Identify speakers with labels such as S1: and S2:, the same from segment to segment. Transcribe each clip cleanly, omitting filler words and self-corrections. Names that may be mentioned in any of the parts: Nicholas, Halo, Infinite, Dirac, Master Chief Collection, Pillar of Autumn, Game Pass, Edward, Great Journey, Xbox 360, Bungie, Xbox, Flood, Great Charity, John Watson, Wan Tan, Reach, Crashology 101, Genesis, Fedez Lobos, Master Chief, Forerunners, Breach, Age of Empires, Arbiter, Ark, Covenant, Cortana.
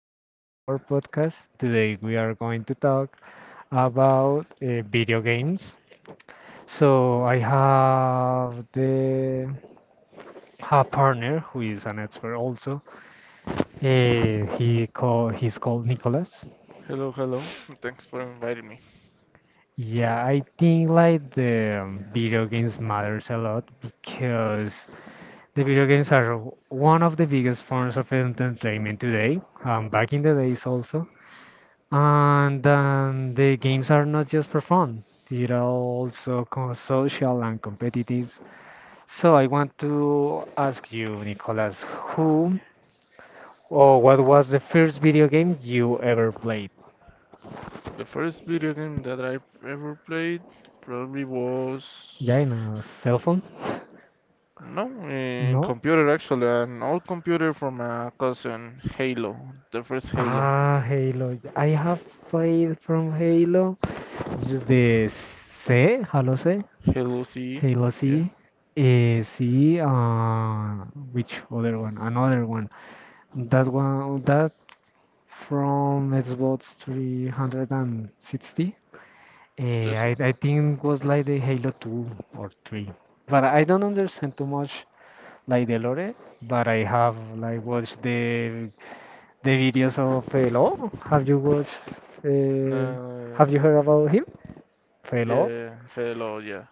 S1: Welcome to our podcast. Today we are going to talk about video games. So I have the a partner who is an expert also. He's called Nicholas.
S2: Hello, hello. Thanks for inviting me.
S1: Yeah, I think like the video games matters a lot because the video games are one of the biggest forms of entertainment today, back in the days also. And then the games are not just for fun, they're also social and competitive. So I want to ask you, Nicolas, who or what was the first video game you ever played?
S2: The first video game that I ever played probably was
S1: Yeah, in a cell phone?
S2: no, in
S1: No?
S2: computer actually, an old computer from a cousin, Halo, the first Halo,
S1: Ah, Halo. I have played from Halo. Just the C, Halo C,
S2: Halo C,
S1: Halo C,
S2: yeah,
S1: eh, C, uh, which other one? Another one. That one, that from Xbox 360. Uh,
S2: just uh,
S1: I, I think it was like the Halo 2 or 3. But I don't understand too much like the lore, but I have like watched the videos of Halo. Have you watched uh, have you heard about him? Halo.
S2: yeah, Halo,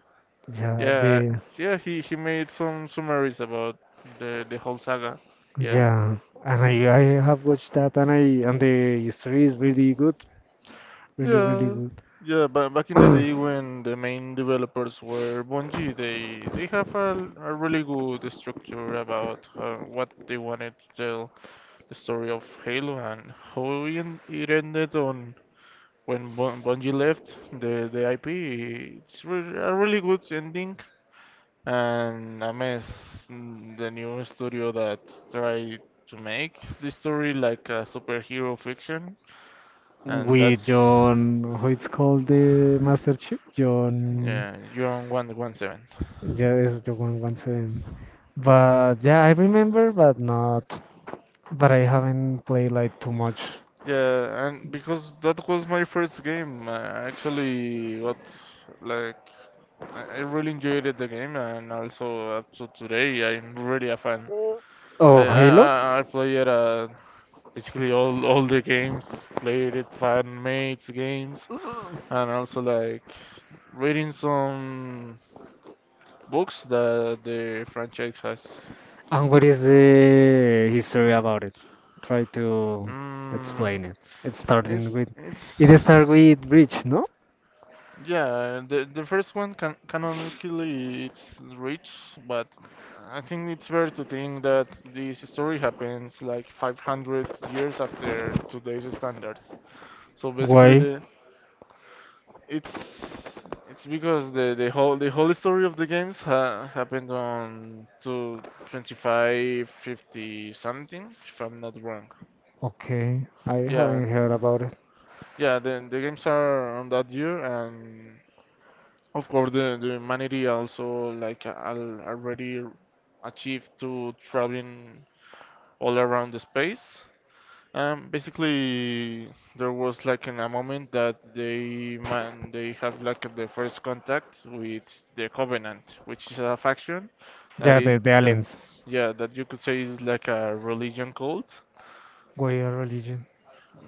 S1: Yeah,
S2: yeah,
S1: the
S2: yeah. He made some summaries about the whole saga, yeah.
S1: yeah. And I have watched that and the history is really good. Really, really
S2: Yeah,
S1: good.
S2: yeah. But back in the day when the main developers were Bungie, they have a really good structure about what they wanted to tell the story of Halo and how it ended on when Bungie left the IP. It's re A really good ending, and I miss the new studio that tried to make the story like a superhero fiction, and
S1: With
S2: that's.
S1: John, how it's called the Master Chief, John,
S2: Yeah, you won the 1-7.
S1: yeah, it's John Watson. But yeah, I remember, but not, but I haven't played like too much
S2: Yeah, and because that was my first game, I actually got like I really enjoyed it, the game, and also up to today I'm really a fan. I
S1: of
S2: I
S1: Halo.
S2: I I play it basically all the games, played it fan mates games, and also like reading some books that the franchise has.
S1: And what is the history about it? Try to
S2: Mm,
S1: explain it. It's starting
S2: it's
S1: with,
S2: it's.
S1: it starts with Breach, no?
S2: Yeah, the first one canonically it's rich, but I think it's fair to think that this story happens like 500 years after today's standards. So basically,
S1: Why?
S2: the it's it's because the whole story of the games ha happened on to 2550 something, if I'm not wrong.
S1: Okay, I
S2: Yeah,
S1: haven't
S2: and-
S1: heard about it.
S2: yeah. The games are on that year and. Of course, the humanity also like already achieved to traveling all around the space. Basically, there was like in a moment that they have like the first contact with the Covenant, which is a faction that
S1: Yeah,
S2: is
S1: the
S2: that
S1: aliens.
S2: yeah that you could say is like a religion cult
S1: Why a religion?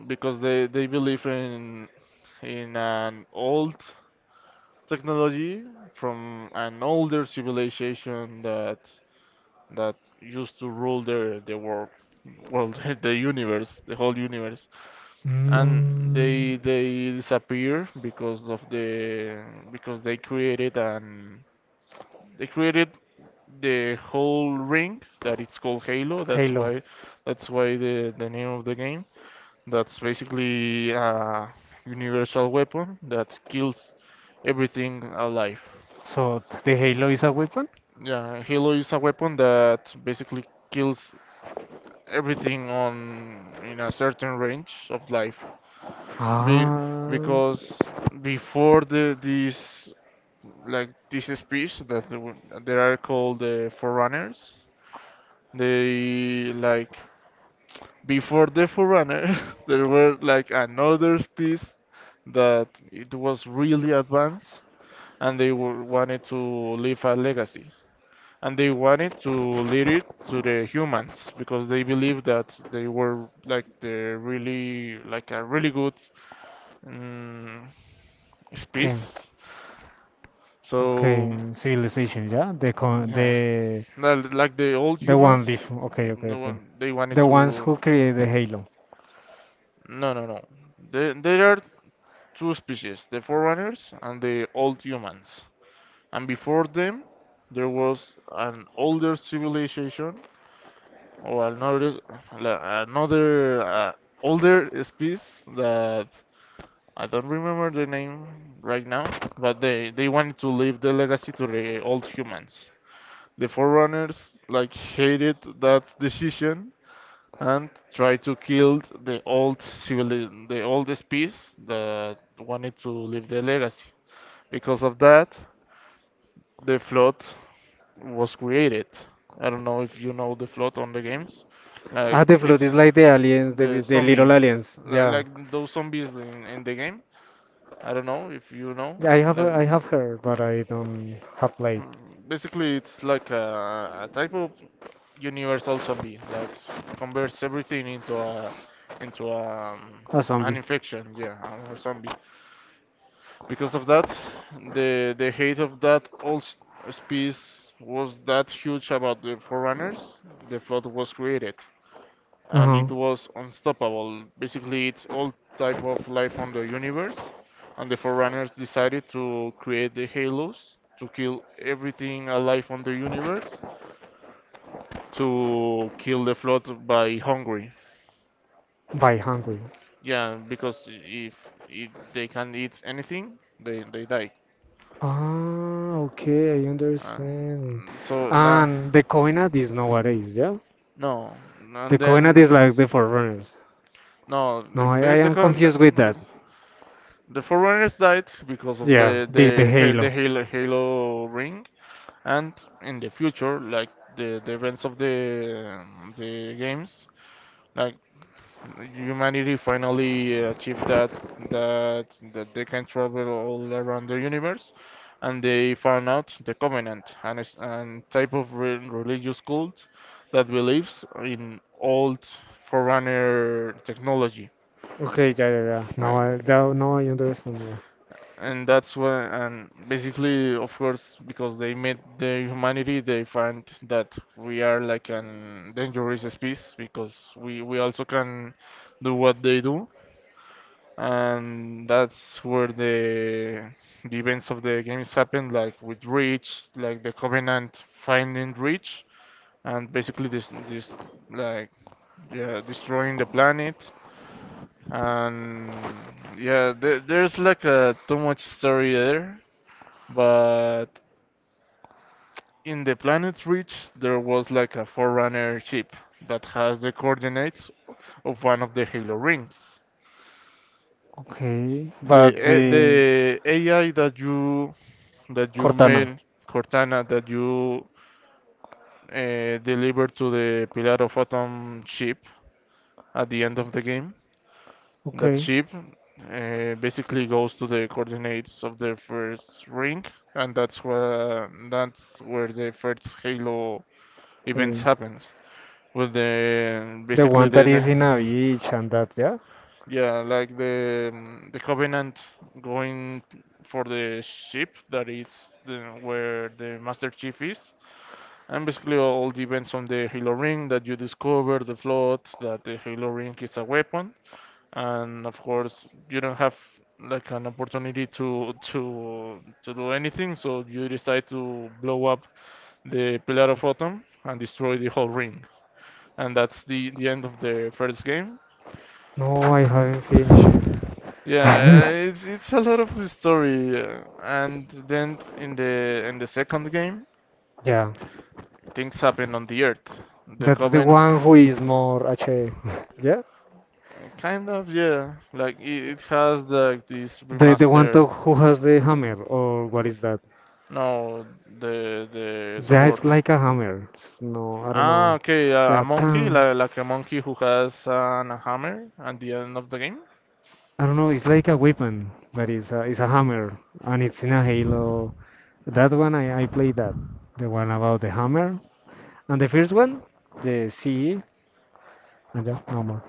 S2: because they believe in an old technology from an older civilization that used to rule the world well the universe the whole universe and
S1: Mm.
S2: they disappear because of the because they created an they created the whole ring that it's called Halo
S1: Halo.
S2: that's why the name of the game that's basically a universal weapon that kills everything alive.
S1: So the Halo is a weapon?
S2: Yeah, Halo is a weapon that basically kills everything on in a certain range of life. Be,
S1: Ah,
S2: because before the these like this speech that they are called the Forerunners, they like before the Forerunners there were like another species that it was really advanced and wanted to leave a legacy. And they wanted to lead it to the humans because they believed that they were like the really like a really good um,
S1: okay.
S2: species. So
S1: Okay. Civilization, yeah? The con
S2: yeah,
S1: the
S2: li- like the old
S1: the one
S2: humans,
S1: before. Okay, okay,
S2: no
S1: okay.
S2: one they wanted
S1: The ones
S2: to.
S1: who created the Halo.
S2: No, no, no. There are two species: the forerunners and the old humans. And before them, there was an older civilization or another older species that I don't remember the name right now, but they wanted to leave the legacy to the old humans. The forerunners like hated that decision and tried to kill the old species that wanted to leave the legacy. Because of that, the flood was created. I don't know if you know the flood on the games. Like
S1: Ah, the flood
S2: it's
S1: is like the aliens, the,
S2: The
S1: the
S2: zombie,
S1: little aliens. Yeah,
S2: like those zombies in the game. I don't know if you know.
S1: yeah, I
S2: Like,
S1: have heard, but I don't have played
S2: mm, Basically, it's like a type of universal zombie that converts everything into a,
S1: a
S2: an
S1: zombie.
S2: infection, yeah, or a zombie. Because of that, the hate of species was that huge about the forerunners. The flood was created. And
S1: Uh-huh.
S2: it was unstoppable. Basically, it's all type of life on the universe, and the Forerunners decided to create the Halos to kill everything alive on the universe to kill the flood by hungry.
S1: By hungry.
S2: Yeah, because if they can eat anything, they die.
S1: Ah, okay, I
S2: Uh,
S1: understand it.
S2: so now,
S1: And the Covenant is nowadays, yeah?
S2: no,
S1: The
S2: and
S1: Covenant is
S2: then
S1: like the Forerunners.
S2: no,
S1: No, I
S2: the,
S1: am
S2: co-
S1: confused with that.
S2: the Forerunners died because of
S1: Yeah, the
S2: the
S1: Halo.
S2: Halo ring, and in the future like the events of the games like humanity finally achieved that that they can travel all around the universe and they found out the covenant and is and type of re religious cult that believes in old forerunner technology
S1: Okay, yeah, yeah, yeah.
S2: like
S1: Now I understand more.
S2: and that's when and basically of course because they met the humanity they find that we are like an dangerous species because we also can do what they do and that's where the events of the games happened like with Reach like the Covenant finding Reach and basically this this like yeah destroying the planet and yeah there's like a too much story there but in the planet Reach, there was like a Forerunner ship that has the coordinates of one of the Halo rings.
S1: Okay,
S2: The
S1: but the
S2: The AI that you
S1: Cortana.
S2: made Cortana that you delivered to the Pillar of Autumn ship at the end of the game. That
S1: Okay,
S2: ship basically goes to the coordinates of the first ring, and that's where the first Halo events
S1: eh,
S2: happens. With the
S1: the
S2: basically
S1: one that is
S2: the-
S1: in a beach and that. Yeah.
S2: Yeah like the covenant going for the ship where the master chief is and basically all depends on the halo ring that you discover the flood that the halo ring is a weapon and of course you don't have like an opportunity to do anything so you decide to blow up the pillar of autumn and destroy the whole ring and that's the end of the first game.
S1: No, I haven't finished
S2: Yeah,
S1: it.
S2: uh, it's it's a lot of story, and then in the second game,
S1: Yeah,
S2: things happen on the Earth. The
S1: that's the
S2: Coven,
S1: one who is more H. A. Yeah.
S2: Kind of, yeah, like it has like this
S1: The one to,
S2: remaster.
S1: who has the hammer or what is that?
S2: No, the
S1: That
S2: sword.
S1: is like a hammer. It's no, I don't
S2: Ah,
S1: know.
S2: okay, a
S1: Yeah,
S2: monkey,
S1: tan.
S2: like a monkey who has a hammer at the end of the game.
S1: I don't know. It's like a weapon, but it's a hammer, and it's in a Halo. That one I played that. The one about the hammer, and the first one, the CE, and yeah, no more.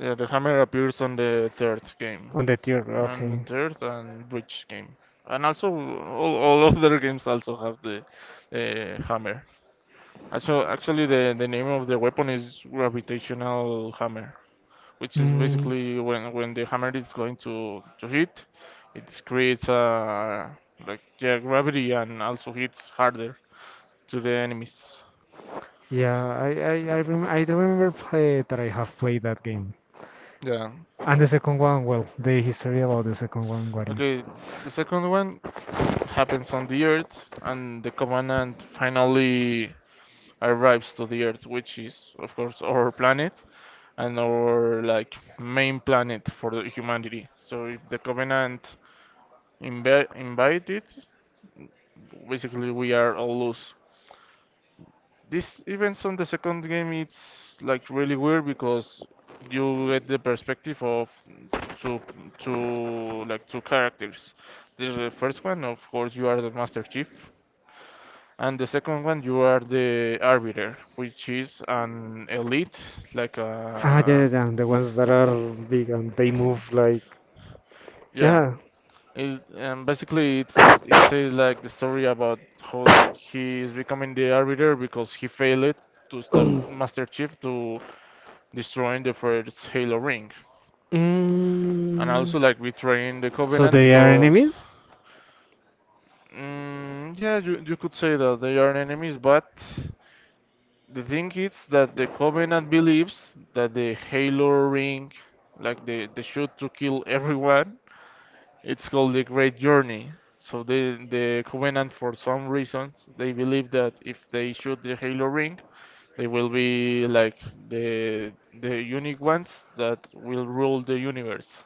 S2: Yeah, the hammer appears on the third game.
S1: On the tier,
S2: And the
S1: okay.
S2: third and bridge game. And also, all of their games also have the hammer. Also, actually, the name of the weapon is gravitational hammer, which is
S1: Mm,
S2: basically when the hammer is going to hit, it creates yeah, gravity and also hits harder to the enemies.
S1: yeah, I I I, rem I don't remember play that I have played that game.
S2: Yeah.
S1: And the second one, well, the history about the second one, what is?
S2: Okay, the second one happens on the earth, and the covenant finally arrives to the Earth, which is of course our planet and our like main planet for the humanity. So if the Covenant invite it, basically we are all loose. These events on the second game it's like really weird because you get the perspective of two two characters. The first one, of course, you are the Master Chief, and the second one, you are the arbiter, which is an elite, like
S1: Ah, yeah, yeah,
S2: a
S1: yeah. The ones that are big and they move like
S2: yeah.
S1: yeah.
S2: It, and basically, it says like the story about how he is becoming the arbiter because he failed to stop Master Chief to destroying the first Halo ring, and
S1: Mm,
S2: also like betraying the
S1: so
S2: Covenant
S1: they are
S2: because
S1: enemies.
S2: yeah, you could say that they are enemies, but the thing is that the Covenant believes that the Halo ring, like the shoot to kill everyone, it's called the Great Journey. So the Covenant, for some reasons, they believe that if they shoot the Halo ring, they will be like the the unique ones that will rule the universe.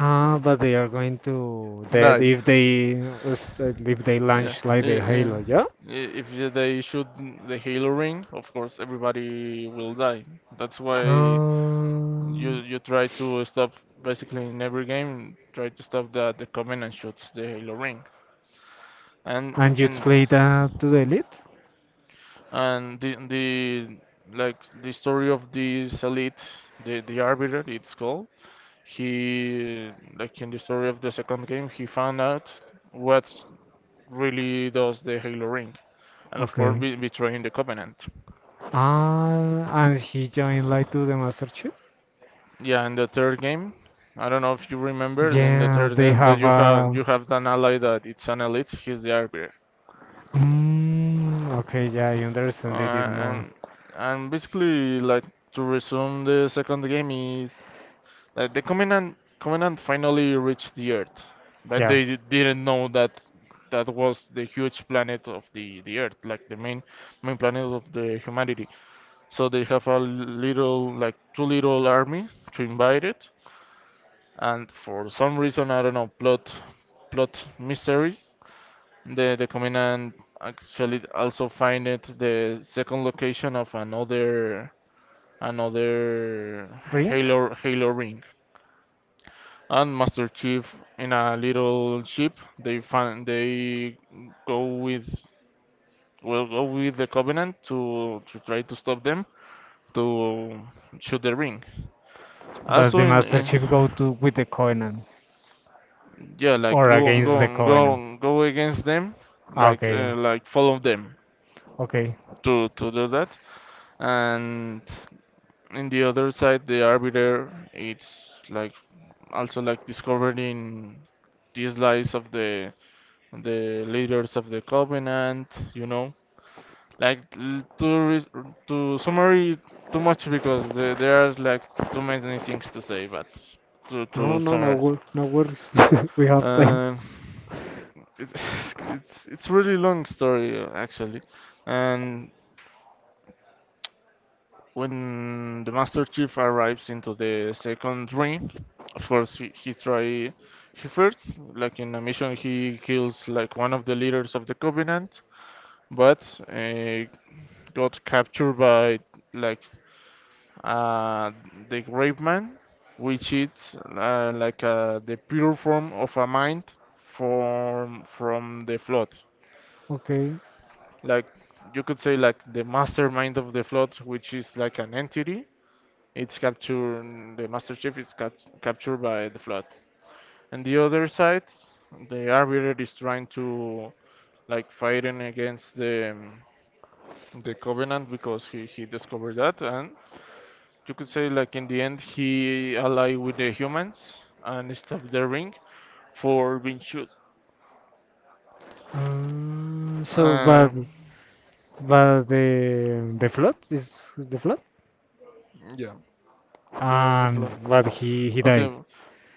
S1: Ah, but they are going to dead
S2: No,
S1: if they if they
S2: yeah,
S1: launch like the Halo,
S2: yeah.
S1: yeah.
S2: If they shoot the Halo ring, of course everybody will die. That's why you
S1: Um,
S2: you try to stop basically in every game. Try to stop the Covenant shoots the Halo ring, and
S1: and you'd
S2: and
S1: play that to the elite?
S2: and the like the story of this elite, the Arbiter, it's called. He like in the story of the second game, he found out what really does the Halo ring, and of course
S1: Okay.
S2: betraying the Covenant.
S1: Ah, and he joined like to the Master Chief?
S2: Yeah, in the third game, I don't know if you remember, in the
S1: Yeah,
S2: third
S1: they
S2: game that
S1: have a.
S2: you have an ally that it's an elite, he's the arbiter.
S1: Mm, okay, yeah, I understand it
S2: Uh,
S1: more.
S2: and and basically like to resume the second game is like the Covenant finally reached the Earth, but
S1: Yeah.
S2: they didn't know that that was the huge planet of the Earth, like the main planet of the humanity. So they have a little like two little army to invade it and for some reason I don't know plot mysteries. The commandant actually also find it the second location of another
S1: Ring?
S2: Halo ring. And Master Chief in a little ship. They find they go with will go with the Covenant to try to stop them to shoot the ring.
S1: But
S2: Also,
S1: the
S2: in,
S1: Master
S2: in
S1: Chief go to with the Covenant
S2: yeah, like
S1: or against the Covenant?
S2: go against them,
S1: Ah, okay, yeah.
S2: like follow them
S1: Okay.
S2: to do that. And in the other side, the arbiter it's like also like discovering these lies of the leaders of the covenant, you know like l- to re- to summary too much because there are like too many things to say, but to summarize.
S1: No worries. We have time.
S2: Uh, it, it's really long story actually. And when the master chief arrives into the second ring, of course he try, he first, like in a mission he kills like one of the leaders of the covenant, but got captured by, like uh, the grave man, which is like the pure form of a mind from the flood.
S1: Okay.
S2: like you could say like the mastermind of the flood, which is like an entity. It's captured, the master chief is captured by the flood. And the other side, the arbiter is trying to, like, fighting against the the covenant, because he discovered that. And you could say like in the end he allied with the humans and stopped the ring for being shoot.
S1: So,
S2: Uh,
S1: but the flood is the flood,
S2: the
S1: and
S2: flood.
S1: but he
S2: Okay,
S1: died.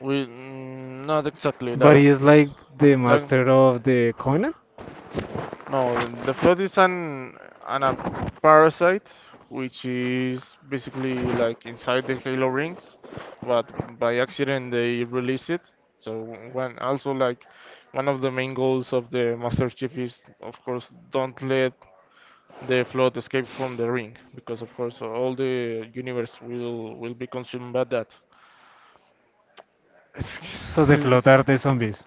S2: we not exactly,
S1: But
S2: like,
S1: he is like the
S2: like
S1: master of the Covenant.
S2: no, the flood is an a parasite, which is basically like inside the halo rings, but by accident they release it. So, when also, like, one of the main goals of the Master Chief is, of course, don't let the flood escape from the ring, because of course all the universe will be consumed by that.
S1: So the flood
S2: It's-
S1: are the zombies.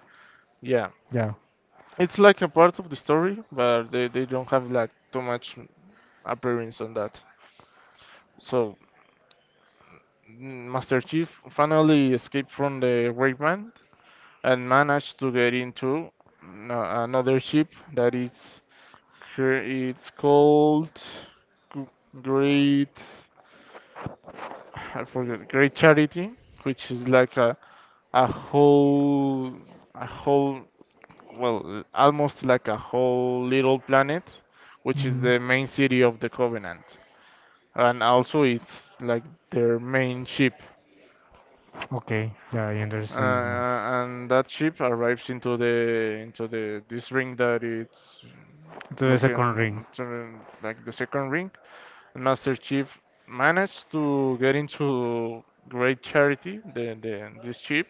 S2: Yeah,
S1: Yeah.
S2: it's like a part of the story, but they don't have like too much appearance on that. So, Master Chief finally escaped from the Great Man and managed to get into another ship that is it's called G- Great, I forget, Great Charity, which is like a whole a whole well, almost like a whole little planet, which is
S1: Hmm.
S2: the main city of the Covenant, and also it's like their main ship.
S1: Okay. Yeah, I
S2: Uh,
S1: understand it now.
S2: and that ship arrives into the this ring that it's
S1: To the second ring.
S2: looking to, like, the second ring. Master Chief managed to get into Great Charity, the this ship,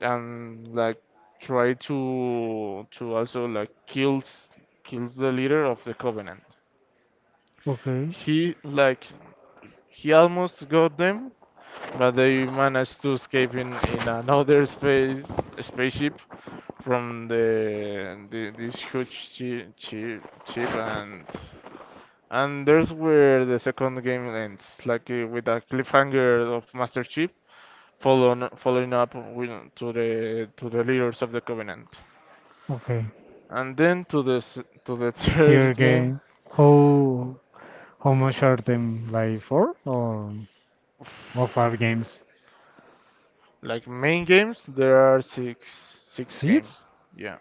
S2: and like try to also like kills the leader of the Covenant.
S1: Okay.
S2: He, like, he almost got them, but they managed to escape in another spaceship from the this huge ship. And there's where the second game ends, like with a cliffhanger of Master Chief following up with, to the leaders of the Covenant,
S1: Okay.
S2: and then to to the third
S1: Tier
S2: game.
S1: game. How how much are them? Like four or five games?
S2: Like main games, there are six game,
S1: Seeds.
S2: yeah.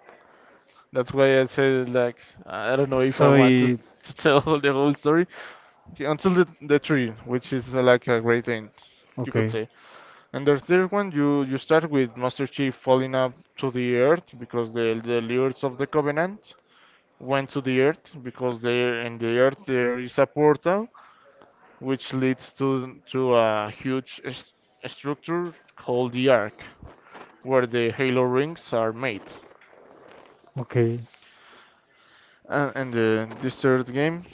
S2: That's why I say, like, I don't know if I
S1: So
S2: want
S1: it
S2: to tell the whole story. Okay, until the three, which is like a great end, you could
S1: okay,
S2: say. And the third one, you start with Master Chief falling up to the earth, because the lords of the Covenant went to the earth, because there in the earth there is a portal which leads to a huge structure called the Ark, where the Halo rings are made.
S1: okay.
S2: And this third game.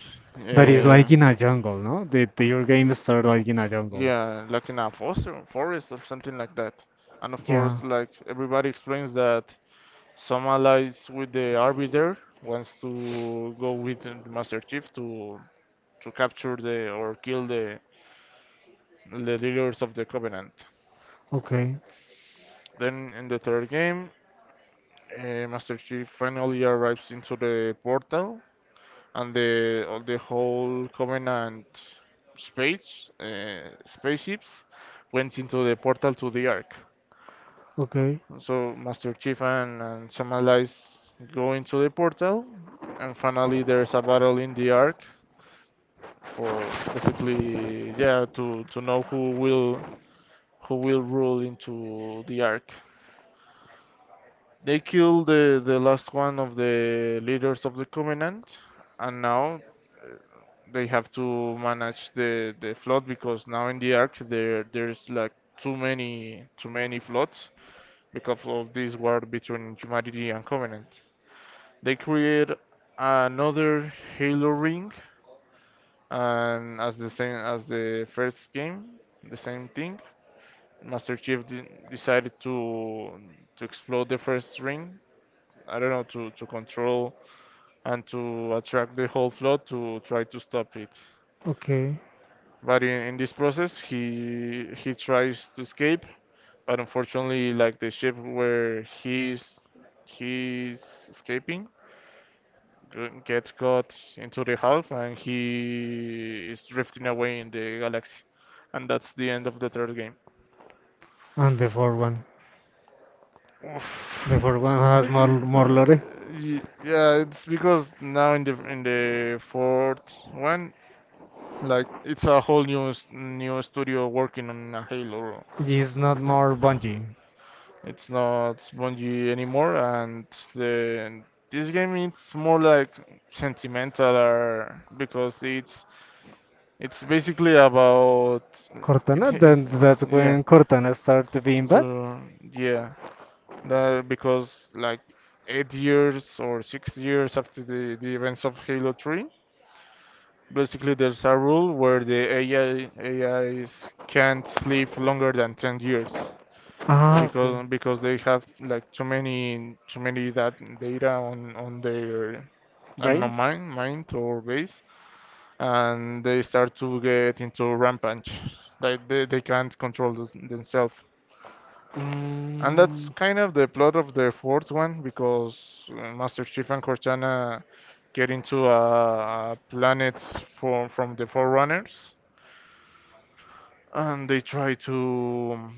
S1: That is
S2: Uh,
S1: like in a jungle, no? The Your game start like in a jungle.
S2: Yeah, like in a foster forest or something like that. And of course,
S1: Yeah.
S2: like everybody explains that some allies with the Arbiter wants to go with the Master Chief to capture the or kill the leaders of the Covenant.
S1: Okay.
S2: Then in the third game, Master Chief finally arrives into the portal, and the all the whole Covenant spaceships went into the portal to the Ark.
S1: Okay.
S2: So Master Chief and some allies go into the portal, and finally there's a battle in the Ark, for basically, yeah, to know who will rule into the Ark. They kill the last one of the leaders of the Covenant, and now uh, they have to manage the flood, because now in the Ark there there's like too many floods because of this war between humanity and Covenant. They create another Halo ring, and as the same as the first game, the same thing. Master Chief de decided to explode the first ring. I don't know, to control and to attract the whole flood to try to stop it.
S1: Okay.
S2: But in this process, he tries to escape, but unfortunately, like the ship where he's escaping gets caught into the half and he is drifting away in the galaxy. And that's the end of the third game.
S1: And the fourth one. The
S2: Oof.
S1: fourth one has more more
S2: Uh,
S1: lore.
S2: yeah, it's because now in the fourth one, like it's a whole new new studio working on a Halo.
S1: It's not more Bungie.
S2: It's not Bungie anymore, and the this game it's more like sentimental or because it's. It's basically about
S1: Cortana.
S2: it, it-
S1: Then that's
S2: yeah.
S1: when Cortana start to being bad.
S2: So yeah, that because like 8 years or 6 years after the events of Halo 3, basically there's a rule where the AI AIs can't live longer than 10 years,
S1: Ah. Okay.
S2: because they have like too many that data on their, I don't know,
S1: Brains.
S2: mind or base, and they start to get into rampage. Like they can't control themselves. And that's
S1: Mm.
S2: kind of the plot of the fourth one, because Master Chief and Cortana get into a planet from the Forerunners, and they try to,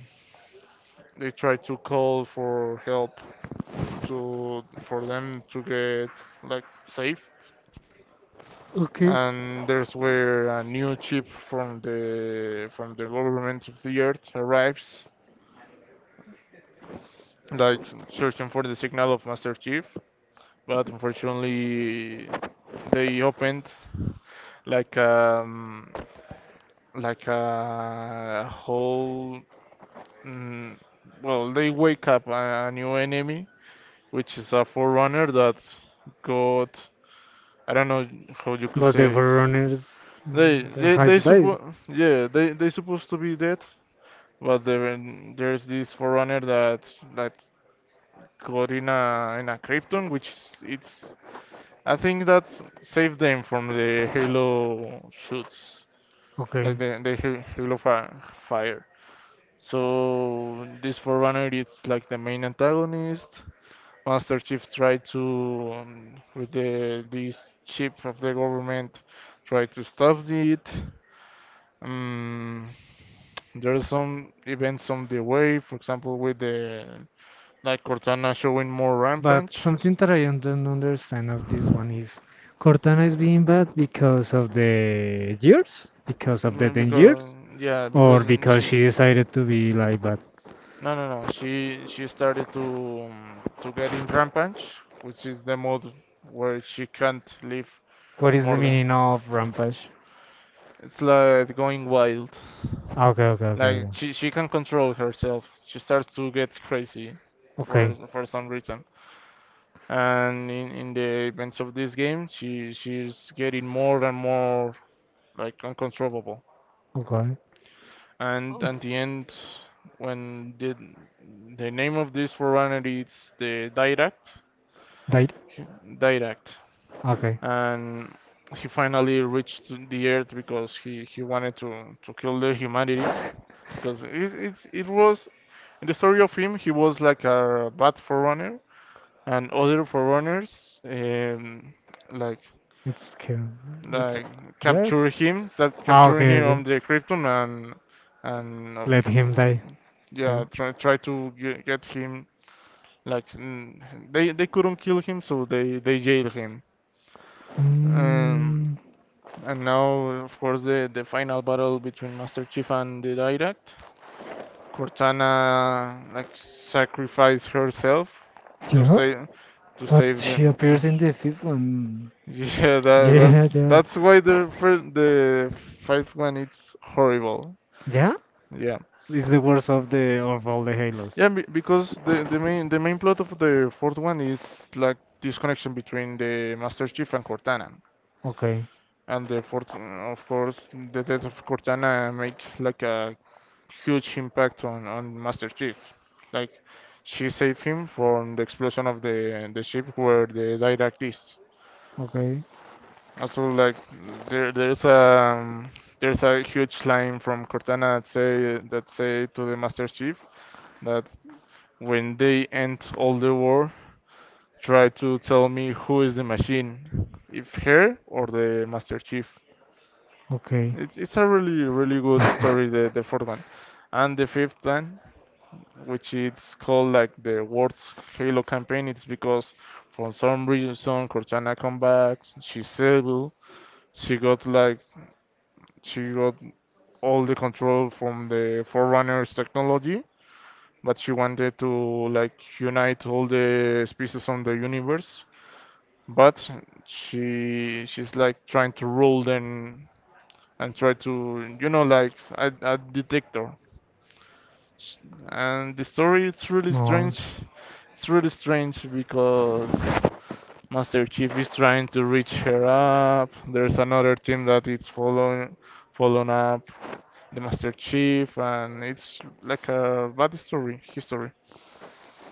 S2: they try to call for help to, for them to get like saved.
S1: Okay.
S2: And there's where a new chip from the government of the Earth arrives, like searching for the signal of Master Chief, but unfortunately they opened like um like a whole, mm, well, they wake up a new enemy which is a forerunner that got, I don't know how you could
S1: But the
S2: say.
S1: Forerunners
S2: They
S1: mm, the
S2: they
S1: five days.
S2: yeah, they supposed to be dead, but there there's this forerunner that that got in a krypton, which is, it's, I think that's saved them from the Halo shoots, like
S1: Okay.
S2: the Halo fire. So this Forerunner is like the main antagonist. Master Chief tried to, with the this chip of the government, try to stop it. Um, there are some events on the way, for example, with the like Cortana showing more
S1: But
S2: rampage.
S1: something that I don't understand of this one is Cortana is being bad because of the years, because of the 10
S2: Because
S1: years,
S2: yeah,
S1: or
S2: because
S1: because
S2: she,
S1: she decided to be like bad.
S2: no, no, no. She started to get in rampage, which is the mode where she can't live
S1: What is the
S2: more than.
S1: meaning of rampage?
S2: It's like going wild.
S1: Ah, okay, okay, okay.
S2: Like
S1: Yeah.
S2: she can control herself. She starts to get crazy
S1: Okay,
S2: for some reason. And in the events of this game, she she's getting more and more like uncontrollable.
S1: okay.
S2: And at the end, when the name of this foreigner is the Direct,
S1: Right.
S2: direct
S1: Okay.
S2: and he finally reached the earth because he wanted to kill the humanity because it was in the story of him, he was like a bad forerunner and other forerunners like
S1: It's kill. It's
S2: like
S1: yeah. It's,
S2: capture him, that
S1: ah. Okay.
S2: capturing him
S1: Okay.
S2: on the krypton, and
S1: Let him die. Yeah.
S2: yeah, try, try to get him like, they couldn't kill him so they jailed him. um,
S1: Mm,
S2: And now, of course, the final battle between Master Chief and the Direct. Cortana like sacrificed herself to
S1: yeah.
S2: save, to
S1: But
S2: save
S1: she
S2: them. To,
S1: appears in the fifth one.
S2: yeah, that,
S1: Yeah. Yeah.
S2: that's why the fifth one it's horrible.
S1: Yeah.
S2: Yeah,
S1: It's the worst of the of all the Halos.
S2: yeah, be- because the main plot of the fourth one is like this connection between the Master Chief and Cortana.
S1: Okay.
S2: And the fourth, of course, the death of Cortana make like a huge impact on Master Chief. Like she saved him from the explosion of the ship where the Dirac is.
S1: Okay.
S2: Also, like there there's a huge line from Cortana that say, to the Master Chief, that when they end all the war, try to tell me who is the machine, if her or the Master Chief.
S1: Okay.
S2: It's a really really good story, the fourth one. And the fifth one, which is called like the worst Halo campaign. It's because for some reason Cortana come back, she's able, she got like she got all the control from the Forerunners technology, but she wanted to like unite all the species on the universe. But she she's like trying to rule them and try to, you know, like a detector. Sh- And the story is really
S1: No,
S2: strange. It's really strange because Master Chief is trying to reach her up. There's another team that is following up the Master Chief, and it's like a bad story, history.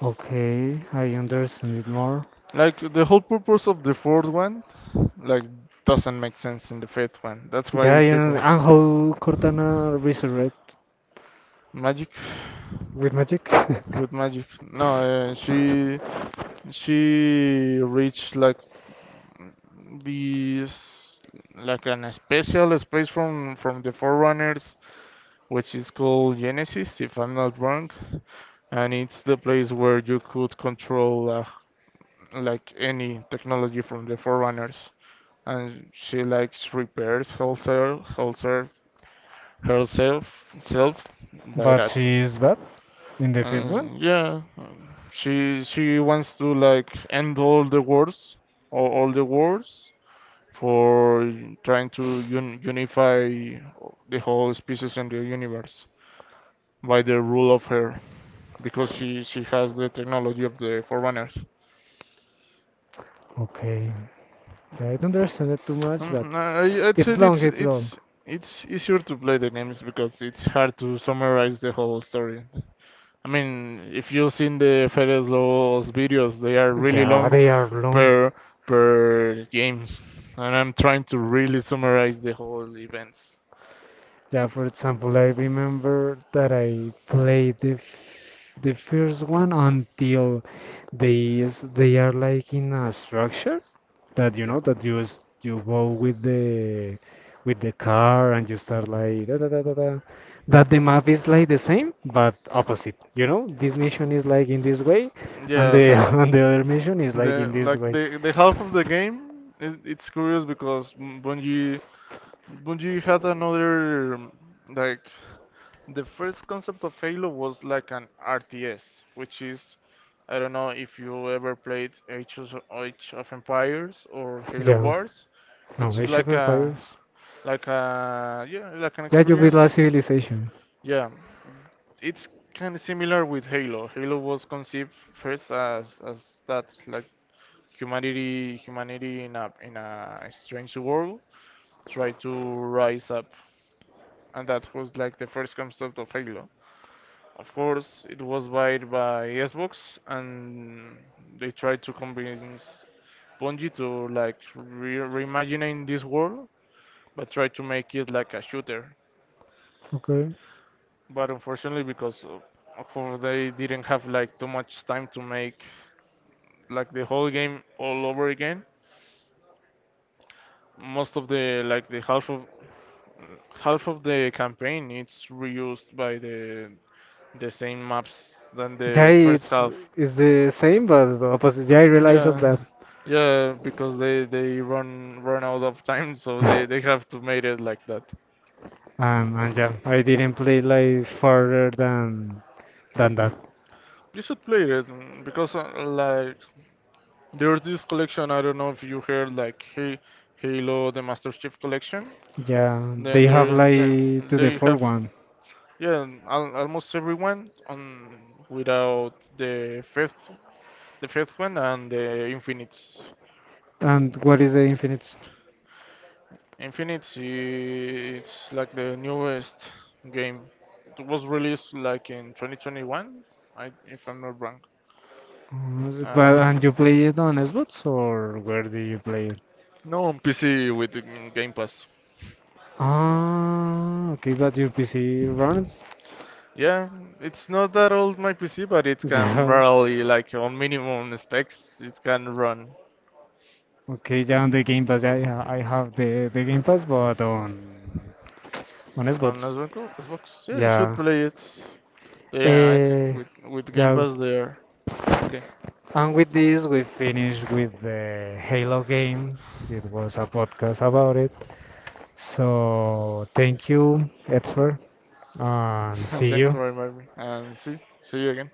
S1: okay, I understand it more.
S2: Like the whole purpose of the fourth one, like doesn't make sense in the fifth one. That's why
S1: Yeah,
S2: the
S1: you know,
S2: people.
S1: and how Cortana resurrect
S2: Magic.
S1: with magic,
S2: With magic. No, she reached like this, like an special space from the Forerunners, which is called Genesis, if I'm not wrong. And it's the place where you could control like any technology from the Forerunners. And she likes repairs herself, self by
S1: but
S2: that.
S1: she is bad in the fifth one.
S2: And yeah, she wants to like end all the wars, all the wars, for trying to un unify the whole species and the universe by the rule of her because she has the technology of the Forerunners.
S1: Okay, yeah, I don't understand it too much, but
S2: I, I'd say
S1: it's long, it's long.
S2: it's easier to play the games because it's hard to summarize the whole story. I mean, if you've seen the Fedez Lobos videos, they are really
S1: Yeah,
S2: long
S1: they are long.
S2: per per games, and I'm trying to really summarize the whole events.
S1: Yeah, for example, I remember that I played the first one until they are like in a structure that you
S2: Yeah.
S1: know that you you go with the car and you start like da da da da da. That the map is like the same but opposite. You know, this mission is like in this way, and
S2: Yeah,
S1: the
S2: ha.
S1: and the other mission is like in
S2: The
S1: this
S2: like
S1: way.
S2: the half of the game is, it's curious because, Bungie had another like, the first concept of Halo was like an RTS, which is, I don't know if you ever played Age of Empires or Halo
S1: Yeah.
S2: Wars,
S1: No,
S2: which is
S1: Age of
S2: like a
S1: Empires.
S2: like a, yeah, like an
S1: Yeah, you beat
S2: experience.
S1: last civilization.
S2: Yeah, it's kind of similar with Halo. Halo was conceived first as that, like humanity, humanity in a strange world try to rise up, and that was like the first concept of Halo. Of course, it was bought by Xbox, and they tried to convince Bungie to like reimagining this world, but try to make it like a shooter.
S1: Okay.
S2: But unfortunately, because of course they didn't have like too much time to make like the whole game all over again, most of the like the half of, half of the campaign it's reused by the same maps than
S1: Yeah,
S2: the first
S1: it's
S2: half.
S1: the same but the opposite. Yeah, I realize of
S2: Yeah,
S1: that.
S2: yeah, because they run run out of time, so they have to make it like that.
S1: And yeah, I didn't play like further than that.
S2: You should play it, because like there's this collection. I don't know if you heard, like, hey, Halo the Master Chief Collection.
S1: Yeah,
S2: Then
S1: they
S2: there
S1: have
S2: they
S1: like to the
S2: they
S1: fourth
S2: have,
S1: one.
S2: yeah, almost everyone on without the fifth, the fifth one and the Infinite.
S1: And what is the Infinite?
S2: Infinite it's like the newest game. It was released like in 2021, I, if I'm not wrong.
S1: But
S2: Uh,
S1: and you play it on Xbox or where do you play it?
S2: no, on PC with the Game Pass.
S1: Ah, okay, but your PC runs.
S2: Yeah, it's not that old my PC, but it can
S1: Yeah.
S2: barely like on minimum specs it can run
S1: Okay, yeah, on the Game Pass, yeah, yeah, I have the Game Pass, but on
S2: on
S1: Xbox.
S2: Xbox. Xbox. Yeah, you should
S1: Yeah.
S2: play it. Yeah, I think
S1: Uh,
S2: with Game
S1: yeah,
S2: Pass there. Okay,
S1: and with this, we finish with the Halo game. It was a podcast about it. So thank you, Edward, and see
S2: thanks
S1: you.
S2: for reminding me. And see, see you again.